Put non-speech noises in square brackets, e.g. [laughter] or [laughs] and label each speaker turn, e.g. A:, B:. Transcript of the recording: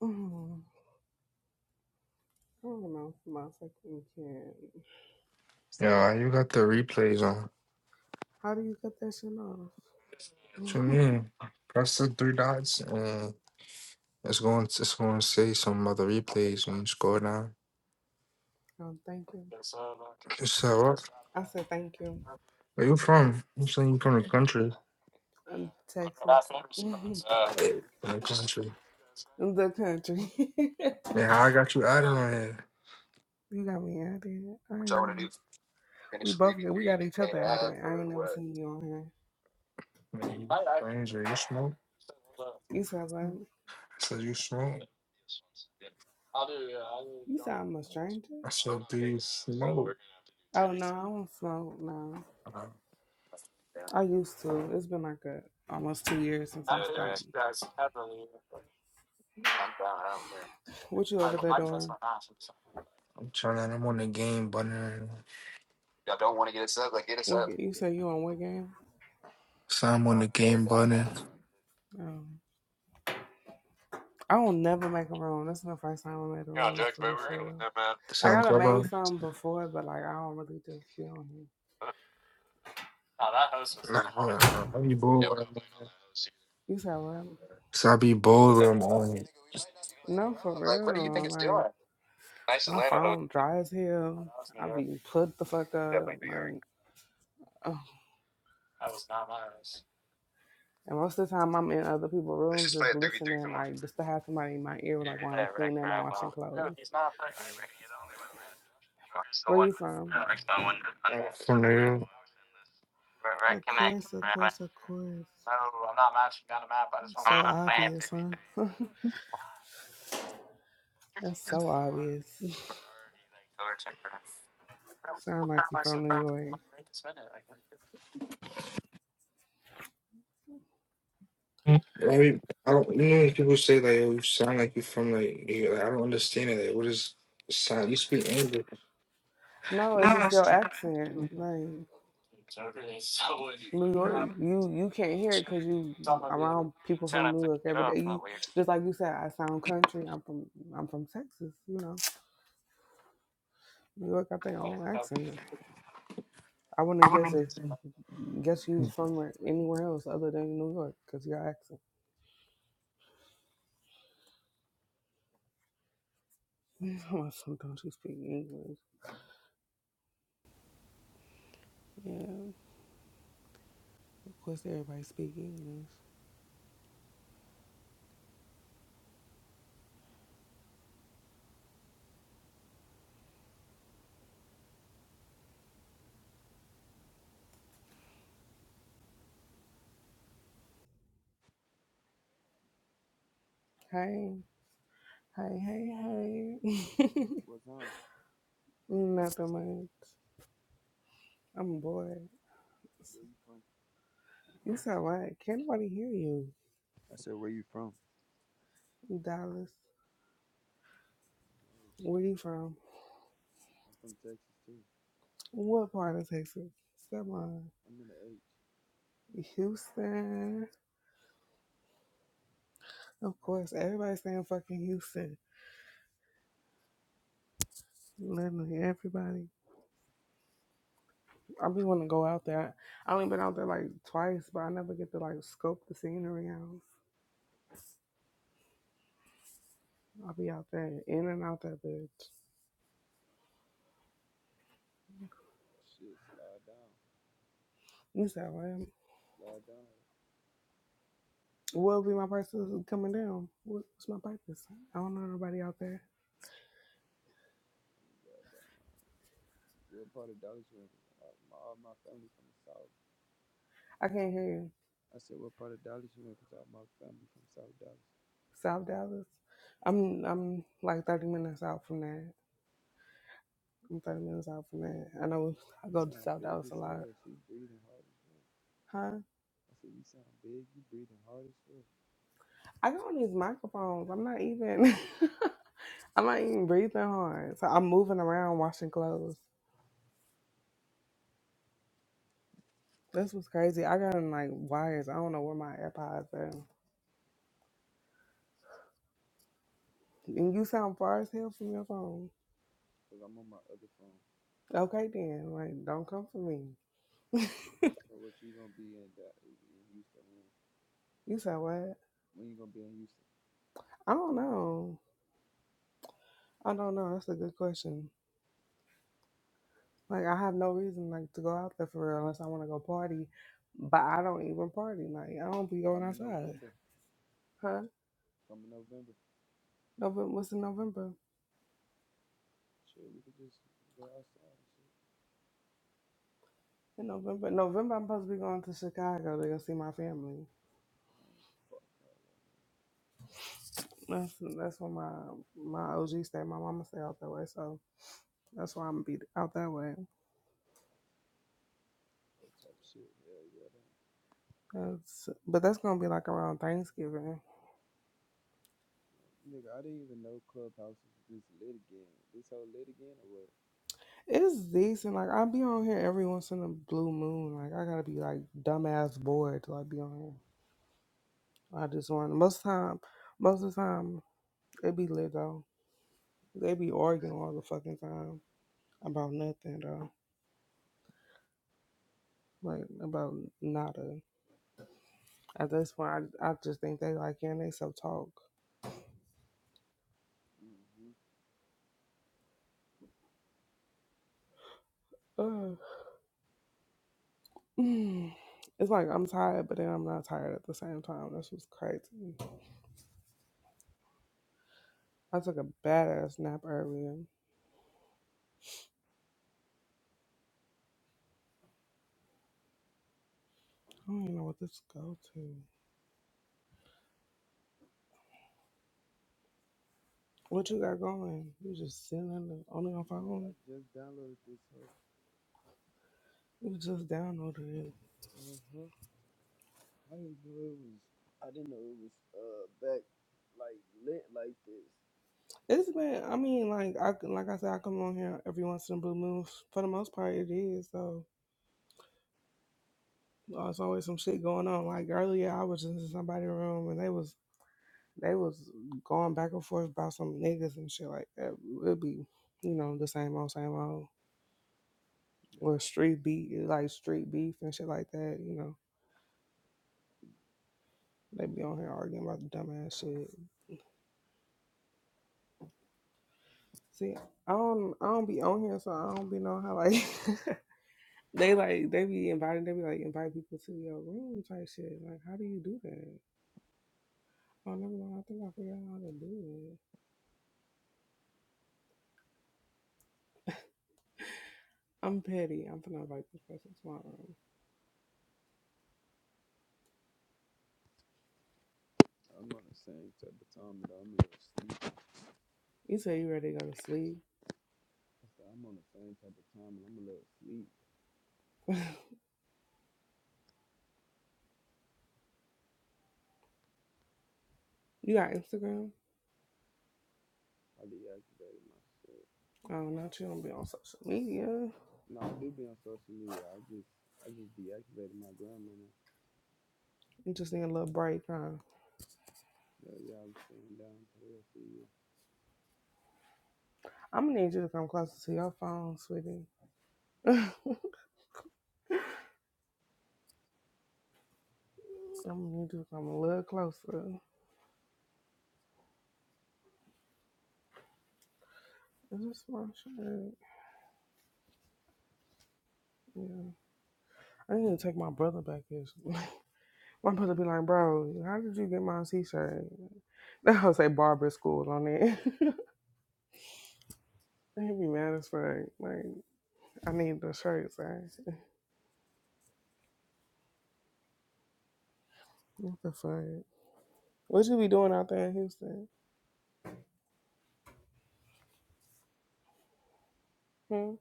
A: Mm, I don't know my fucking kid.
B: Yeah, you got the replays on.
A: How do you cut that shit off?
B: What you
A: [laughs]
B: mean? Press the three dots and it's going to, it's going to say some other replays when you scroll down.
A: um, thank you.
B: You said what?
A: I said thank you.
B: Where you from? You saying you from the country?
A: Um, Texas.
B: Yeah,
A: [laughs] the
B: From the country.
A: country. [laughs]
B: Yeah, how I got you out of here.
A: you got me out of here. I ain't never. We both got, we got each other out of here. I ain't never seen you on here.
B: Man, you stranger. You smoke?
A: You sound like
B: I said you smoke.
A: you sound I'm a stranger.
B: I said do you smoke?
A: Oh no, I don't smoke. No,
B: Uh,
A: I used to. It's been like a almost two years since I stopped. What you over there doing?
B: I'm trying. I'm on the game button.
A: What, ga- you say you on what game?
B: So I'm on the game button.
A: Oh. I will never make a room. This is the first time I made a room for real, for real. Like
B: Sound
A: I done made
B: club.
A: some before, but like I don't really just be on here.
B: Nah, hold on. nah. I be bored.
A: You said what?
B: So I be bored when I'm on it.
A: No, for
B: Like, what do you think
A: real.
B: it's
A: Like
B: doing?
A: my phone dry as hell. I be put the fuck up. Like, ugh. and most of the time I'm in other people's
B: Let's
A: rooms
B: just play
A: just
B: at three v three.
A: listening.
B: Come on.
A: Like just to have somebody in my ear, like while I'm cleaning or washing clothes.
B: Here's the
A: Where
B: one.
A: you from?
B: Yeah, here's the one. From
A: Of course, of course, of course. So obvious, huh? [laughs] That's so obvious. [laughs] Sound like you from New York.
B: there, I, be, I don't. You know, when people say like, "Oh, you sound like you are from like," you, like I don't understand it. Like, what is sound? You speak English.
A: No, it's just their accent. Like New York, you you can't hear it because you around people from New York every day. You just like you said, I sound country. I'm from I'm from Texas. You know, New York got their own accent. I wouldn't guess if guess you were from where- anywhere else other than New York because your accent. [laughs] Sometimes you speak English. Yeah, of course everybody speak English. Hey, hey, hey, hey. [laughs]
C: What town?
A: Nothing much. I'm bored.
C: Where you from?
A: You sound right. Can't nobody hear you.
C: I said, where you from?
A: Dallas.
C: Oh,
A: Where
C: shit.
A: you from?
C: I'm from Texas, too.
A: What part of Texas? Someone.
C: I'm in the H.
A: Houston. Of course, everybody's saying fucking Houston. Literally everybody. I be want to go out there. I only been out there like twice, but I never get to like scope the scenery out. I'll be out there in and out that bitch.
C: Shit, slide down.
A: You said what?
C: Slide down.
A: What'll be my prices coming down? What- What's my prices? I don't know nobody out there.
C: Slide down. What part of Dallas you in? Uh, my, all my family from the South.
A: I can't hear you.
C: I said, what part of Dallas you in? Because all my family from South Dallas.
A: South Dallas. I'm I'm like 30 minutes out from that. I'm 30 minutes out from that. I know [laughs] I
C: You
A: go to
C: sound
A: South
C: big
A: Dallas a
C: as
A: lot.
C: hell. She breathing hard as well.
A: Huh?
C: I said, you sound big. You breathing hard as well.
A: I got on these microphones. I'm not even [laughs] I'm not even breathing hard. So I'm moving around washing clothes. This was crazy. I got in like wires. I don't know where my AirPods are. And you sound far as hell from your phone.
C: Because I'm on my other phone.
A: Okay then. Like don't come for me. [laughs]
C: So what you going to be in, that, in Houston when?
A: you said what?
C: When you going to be in Houston?
A: I don't know. I don't know. That's a good question. Like I have no reason like to go out there for real unless I want to go party, but I don't even party. Like I don't be going
C: Come in
A: outside.
C: November.
A: Huh?
C: Come in November.
A: November? What's in November?
C: Shit, we could just go outside and shit.
A: In November, November, I'm supposed to be going to Chicago to go see my family.
C: Fuck all that
A: That's that's where my my OG stay. My mama stay out that way, so that's why I'm gonna be out that way.
C: whole type of shit. Hell yeah, that.
A: That's, but that's gonna be like around Thanksgiving.
C: Nigga, I didn't even know Clubhouse was this lit again. This whole lit again or what?
A: It's decent. Like I be on here every once in a blue moon. Like I gotta be like dumbass bored to like be on here. I just want most time, most of the time they be lit though. They be arguing all the fucking time about nothing though, like about nada. At this point, I, I just think they like hearing they self talk.
C: hmm
A: Ugh. Mm. It's like I'm tired, but then I'm not tired at the same time. That's what's crazy. I took a badass nap earlier. I don't even know what this go to. What you got going? You just sitting on the on your
C: Nigga, I
A: phone?
C: just downloaded this whole.
A: You just downloaded it.
C: hmm I didn't know it was. I didn't know it was uh back like lit like this.
A: It's been, I mean, like I, like I said, I come on here every once in a blue moon. For the most part, it is. So uh, it's always some shit going on. Like earlier, I was in somebody's room and they was they was going back and forth about some niggas and shit like that. It'd be, you know, the same old, same old. Or
C: Yeah.
A: street beef, like street beef and shit like that. You know, they be on here arguing about the dumbass shit. See, I don't, I don't be on here, so I don't be know how like. [laughs] They like they be inviting they be like invite people to your room type shit. Like how do you do that? I never know. I think I figured out how to do it. I'm petty. I'm gonna invite this person to my room.
C: I'm on the same type of time, but I'm a little sleep.
A: You say you ready to go to sleep.
C: I said, I'm on the same type of time, and I'm a little sleep.
A: [laughs] you got Instagram?
C: I deactivated my shit.
A: Oh, not you don't be on social media.
C: No, I do be on social media. I just, I just deactivated my grandma.
A: You just need a little break, huh?
C: Yeah, yeah, I'm staying down till I see you.
A: I'm gonna need you to come closer to your phone, sweetie. [laughs] I'm gonna need you to come a little closer. Is this my shirt? Yeah. I need to take my brother back here. [laughs] I'm supposed to be like, bro, how did you get my t-shirt? [laughs] That will say barber school on it. [laughs] He'd be mad as fuck. Like, I need the shirts, right? [laughs] What the fuck? What you be doing out there in Houston? Hmm?